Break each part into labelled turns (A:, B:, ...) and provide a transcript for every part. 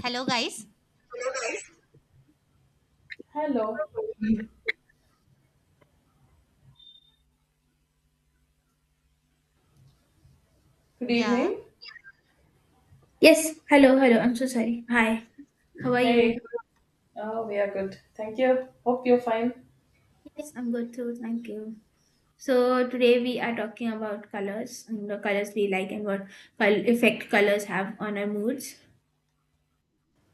A: Hello, guys.
B: Hello. Good
A: Yeah.
B: evening.
C: Yes, hello, hello. I'm so sorry. Hi, how are
B: Hey.
C: you?
B: Oh, we are good. Thank you. Hope you're fine.
C: Yes, I'm good too. Thank you. So today we are talking about colors and the colors we like and what col effect colors have on our moods.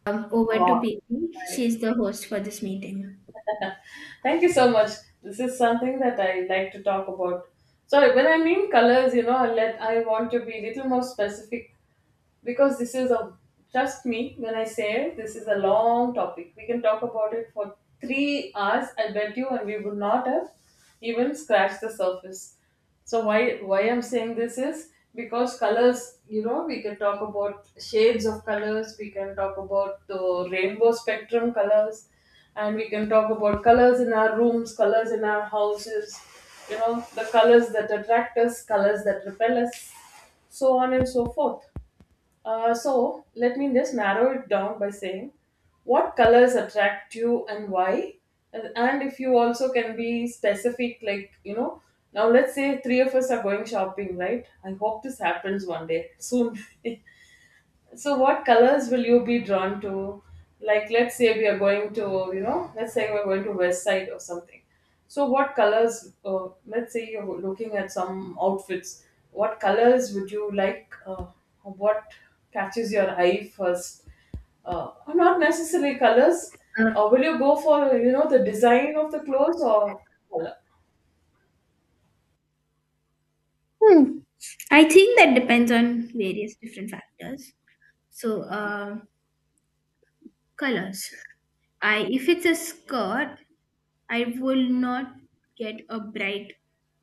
C: Over to
B: Oh,
C: Preeti.
B: nice.
C: She's the host for this meeting.
B: Thank you so much. This is something that I like to talk about. So when I mean colors, I want to be little more specific because this is a trust me when I say this is a long topic. We can talk about it for 3 hours, I bet you, and we would not have even scratched the surface. So why I'm saying this is because colors, we can talk about shades of colors, we can talk about the rainbow spectrum colors, and we can talk about colors in our rooms, colors in our houses, the colors that attract us, colors that repel us, so on and so forth. So let me just narrow it down by saying what colors attract you and why, and if you also can be specific, like now let's say three of us are going shopping, right? I hope this happens one day soon. So, what colors will you be drawn to? Like, let's say we are going to, let's say we're going to West Side or something. So, what colors, let's say you're looking at some outfits, what colors would you like? What catches your eye first? Or not necessarily colors.
C: Uh,
B: Will you go for, the design of the clothes or color?
C: hmm, I think that depends on various different factors. So, colors. I If it's a skirt, I will not get a bright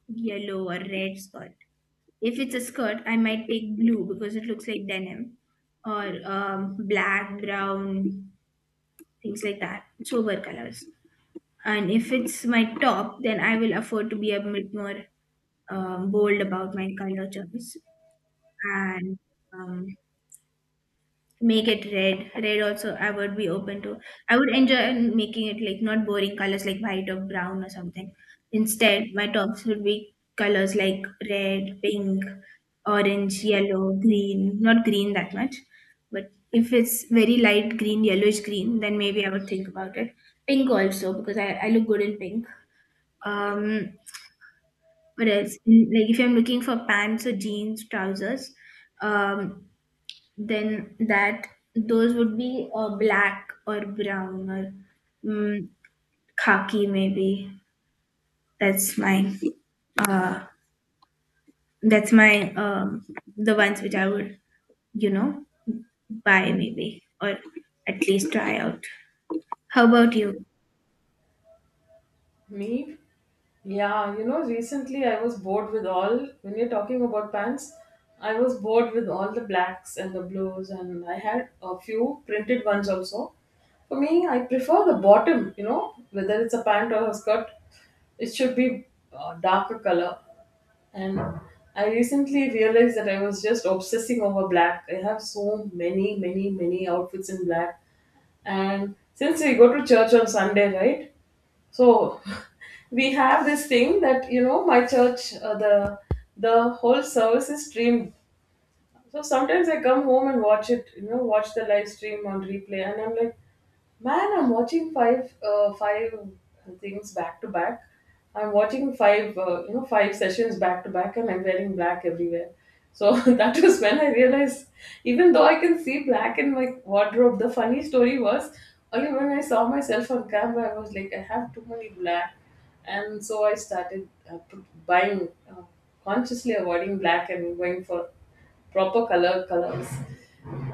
C: yellow or red skirt. If it's a skirt, I might take blue because it looks like denim, or black, brown, things like that, sober colors. And if it's my top, then I will afford to be a bit more bold about my color choice. And um, make it red also. I would be open to, I would enjoy making it like not boring colors like white or brown or something. Instead, my tops would be colors like red, pink, orange, yellow, green. Not green that much, but if it's very light green, yellowish green, then maybe I would think about it. Pink also because I look good in pink. um what else? Like, if I'm looking for pants or jeans, trousers, um then that those would be black or brown or mm, khaki maybe. That's my uh, that's my the ones which I would, you know, buy maybe, or at least try out. How about you?
B: Me? Yeah, you know, recently I was bored with all, when you're talking about pants, I was bored with all the blacks and the blues, and I had a few printed ones also. For me, I prefer the bottom, you know, whether it's a pant or a skirt, it should be darker color. And I recently realized that I was just obsessing over black. I have so many, many, many outfits in black. And since we go to church on Sunday, right? So we have this thing that you know my church the whole service is streamed, so sometimes I come home and watch it, you know, watch the live stream on replay, and I'm like, man, I'm watching five things back to back. I'm watching you know, five sessions back to back, and I'm wearing black everywhere. So that was when I realized, even though I can see black in my wardrobe, the funny story was only when I saw myself on camera, I was like, I have too many black, and so I started buying, consciously avoiding black and going for proper colors.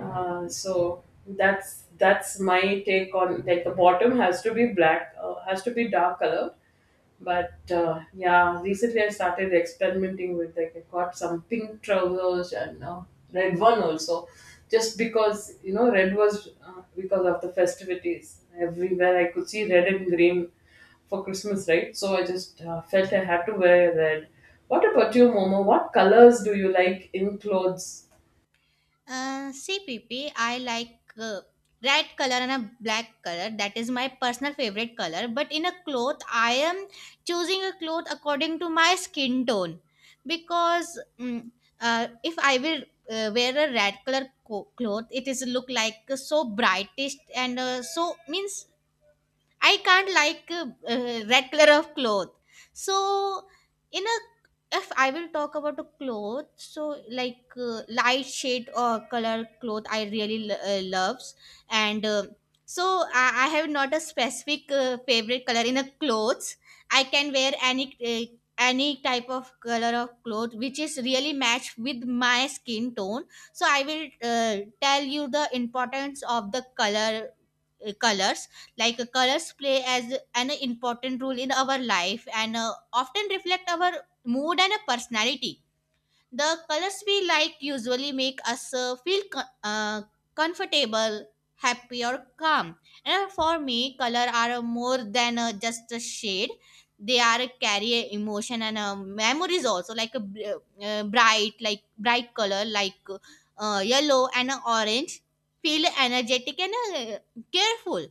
B: So that's my take on like the bottom has to be black, has to be dark color. But yeah, recently I started experimenting with like I got some pink trousers and red one also, just because you know red was because of the festivities everywhere I could see red and green for Christmas, right? So I just felt I had to wear red. What about you, Momo? What colors do you like in clothes?
A: CPP, I like red color and a black color. That is my personal favorite color. But in a cloth, I am choosing a cloth according to my skin tone because if I will wear a red cloth, it is look like so brightest and so means I can't like regular of cloth. So in a if I will talk about a cloth, so like light shade or color cloth I really loves and so I have not a specific favorite color in a clothes. I can wear any type of color of cloth which is really matched with my skin tone. So I will tell you the importance of the colors. Like colors play as an important role in our life and often reflect our mood and personality. The colors we like usually make us feel comfortable, happy or calm. And for me color are more than just a shade. They are carry a emotion and memories also. Like a bright color like yellow and orange feel energetic and careful.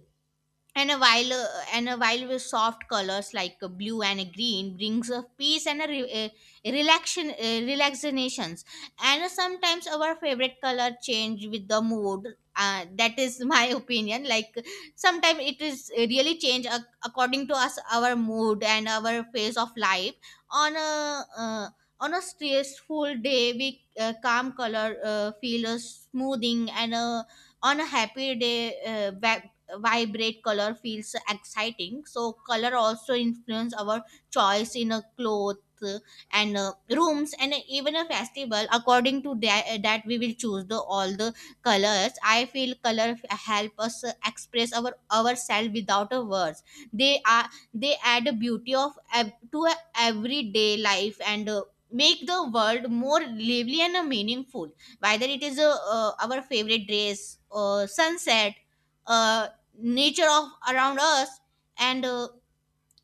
A: And a while uh, and a while with soft colors like blue and a green brings a peace and a relaxations. And sometimes our favorite color change with the mood. That is my opinion. Like sometimes it is really change according to us, our mood and our phase of life. on a uh, on a stressful day we calm color feel a smoothing, and a on a happy day vibrate color feels exciting. So color also influence our choice in a cloth uh, and rooms and even a festival. According to that, that we will choose the all the colors. I feel color help us express ourselves without a words. They are they add a beauty to a everyday life and make the world more lively and meaningful, whether it is our favorite dress, sunset uh, nature of around us, and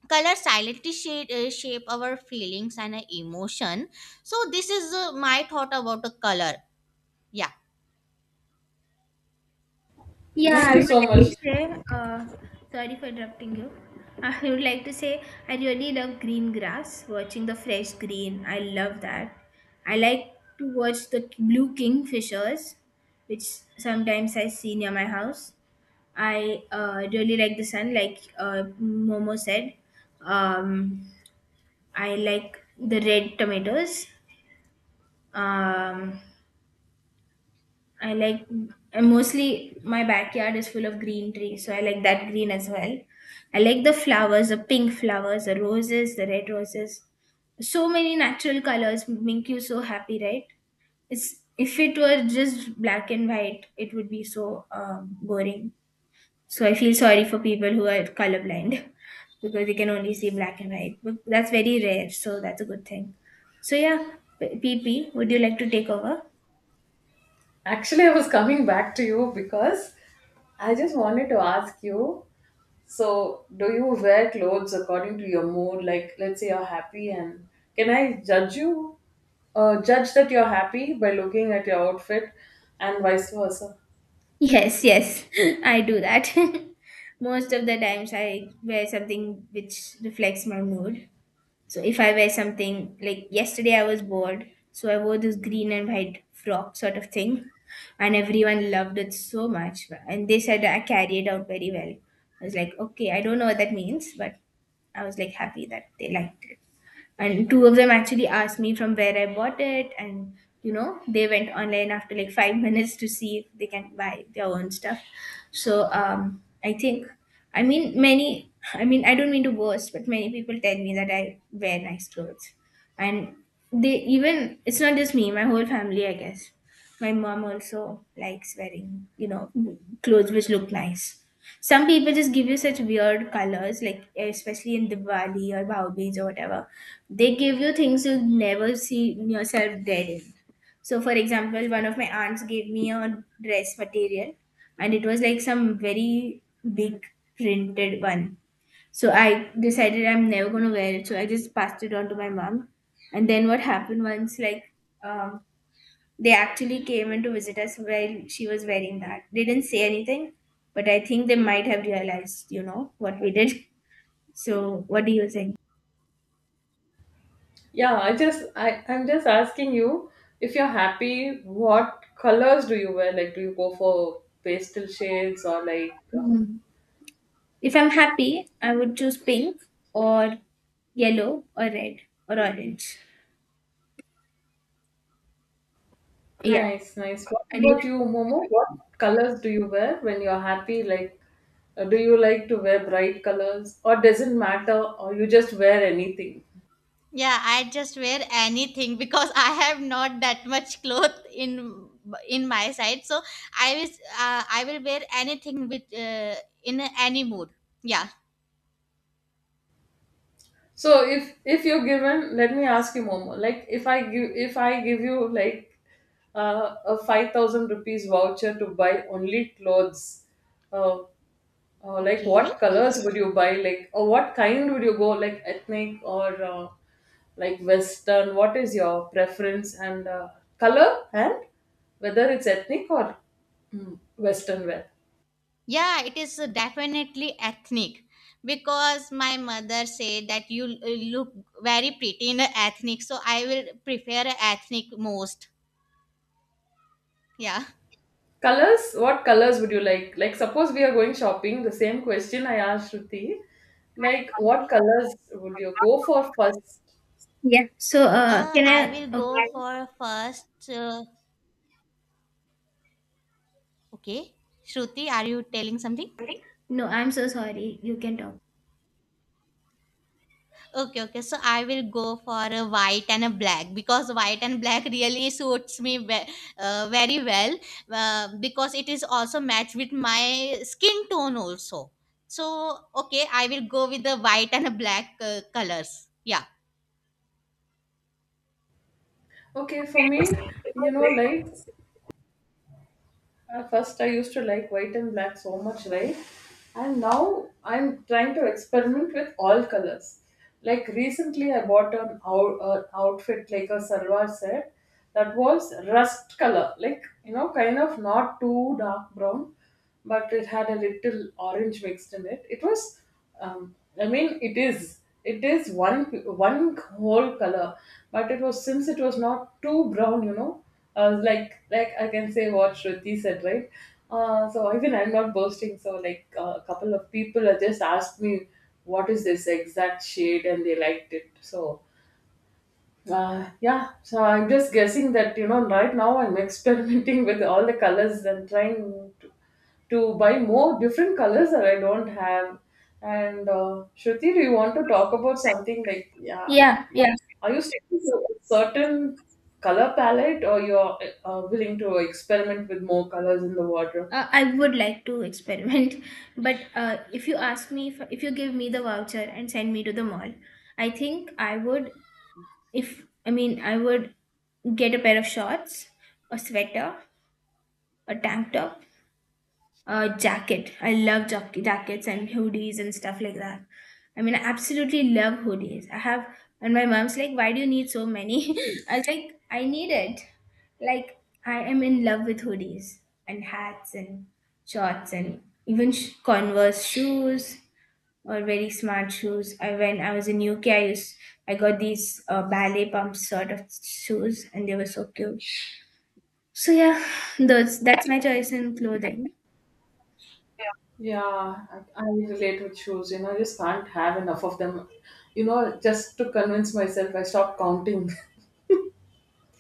A: color silently shape our feelings and emotion. So this is my thought about the color. Yeah.
B: Thank you so
C: Would like
B: much.
C: to say, sorry for interrupting you. I would like to say I really love green grass, watching the fresh green. I love that. I like to watch the blue kingfishers, which sometimes I see near my house. I really like the sun, like Momo said. Um, I like the red tomatoes. Um, I like, and mostly my backyard is full of green trees, so I like that green as well. I like the flowers, the pink flowers, the roses, the red roses. So many natural colors make you so happy, right? It's If it were just black and white, it would be so boring. So I feel sorry for people who are colorblind because they can only see black and white. But that's very rare, so that's a good thing. So yeah, PP, would you like to take over?
B: Actually, I was coming back to you because I just wanted to ask you. So, do you wear clothes according to your mood? Like, let's say you're happy, and can I judge you? Judge that you're happy by looking at your outfit, and vice versa.
C: Yes, yes, I do that. Most of the times I wear something which reflects my mood. So if I wear something like yesterday I was bored, so I wore this green and white frock sort of thing, and everyone loved it so much. And they said I carried out very well. I was like, okay, I don't know what that means, but I was like happy that they liked it, and two of them actually asked me from where I bought it, and you know they went online after like five minutes to see if they can buy their own stuff. So I mean, I mean, I don't mean to boast, but many people tell me that I wear nice clothes, and they even it's not just me, my whole family, I guess. My mom also likes wearing, you know, clothes which look nice. Some people just give you such weird colors, like especially in Diwali or Bhaidooj or whatever. They give you things you'll never see yourself dead in. So, for example, one of my aunts gave me a dress material, and it was like some very big printed one. So I decided I'm never gonna wear it. So I just passed it on to my mom. And then what happened once, like um, they actually came in to visit us while she was wearing that. They didn't say anything, but I think they might have realized, you know, what we did. So, what do you think?
B: Yeah, I just, I'm just asking you if you're happy, what colors do you wear? Like, do you go for pastel shades or like uh,
C: Mhm. If I'm happy, I would choose pink or yellow or red or orange. Yeah.
B: nice, nice. What
C: And if,
B: about you, Momo? What colors do you wear when you're happy? Like, do you like to wear bright colors, or doesn't matter, or you just wear anything?
A: Yeah, I just wear anything because I have not that much cloth in my side, so I will I will wear anything with in any mood. Yeah.
B: So, if you're given, let me ask you, Momo. Like, if I give you like a 5,000 rupees voucher to buy only clothes, uh, like
A: Okay.
B: what colors would you buy? Like, or what kind would you go? Like ethnic or like Western? What is your preference and color and whether it's ethnic or Western wear?
A: Yeah, it is definitely ethnic because my mother said that you look very pretty in a ethnic, so I will prefer a ethnic most. Yeah.
B: Colors. What colors would you like? Like, suppose we are going shopping. The same question I asked Shruti. Like,
A: Okay.
B: what
A: Okay.
B: colors would you go for first?
C: yeah. So, can
A: I will
C: I?
A: go for first. Okay. Shruti, are you telling something?
C: Okay. No, I'm so sorry. You can talk.
A: Okay, okay. So I will go for a white and a black because white and black really suits me very well, because it is also matched with my skin tone also. So okay, I will go with the white and a black colors. Yeah.
B: Okay, for me, you know, like at first, I used to like white and black so much, right? And now I'm trying to experiment with all colors. Like recently, I bought an outfit like a salwar set that was rust color, like you know, kind of not too dark brown, but it had a little orange mixed in it. It was, um, I mean, it is one whole color, but it was since it was not too brown, you know. I was like I can say what Shruti said, right? So even I'm not boasting. So like a couple of people have just asked me what is this exact shade, and they liked it. So. Yeah, so I'm just guessing that you know right now I'm experimenting with all the colors and trying to to buy more different colors that I don't have. And Shruti, do you want to talk about something like, yeah,
C: Yeah. Yeah.
B: are you sticking to a certain color palette or you're willing to experiment with more colors in the wardrobe?
C: I would like to experiment, but if you ask me, if you give me the voucher and send me to the mall, I think I would, if I mean, I would get a pair of shorts, a sweater, a tank top, jacket. I love jackets and hoodies and stuff like that. I mean, I absolutely love hoodies. I have, and my mom's like, "Why do you need so many?" I was like, "I need it." Like, I am in love with hoodies and hats and shorts and even Converse shoes or very smart shoes. I When I was in UK, I got these ballet pump sort of shoes, and they were so cute. So yeah, those that's my choice in clothing.
B: Yeah, I relate with shoes. You know, I just can't have enough of them. You know, just to convince myself, I stopped counting.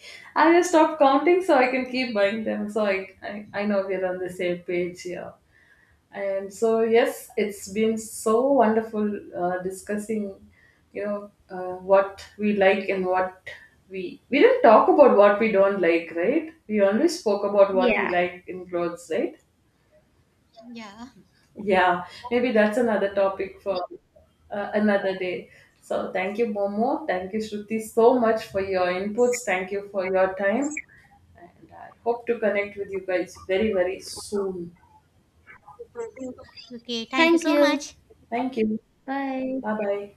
B: I just stopped counting so I can keep buying them. So I know we're on the same page here. And so, yes, it's been so wonderful discussing, you know, what we like and what we didn't talk about what we don't like, right? We only spoke about what we
C: Yeah.
B: like in clothes, right?
A: Yeah.
B: Yeah, maybe that's another topic for another day. So, thank you, Momo. Thank you, Shruti, so much for your inputs. Thank you for your time, and I hope to connect with you guys very, very soon.
A: Okay. Thank you
C: Thank
A: so
C: you.
A: much.
B: Thank you.
C: Bye.
B: Bye bye.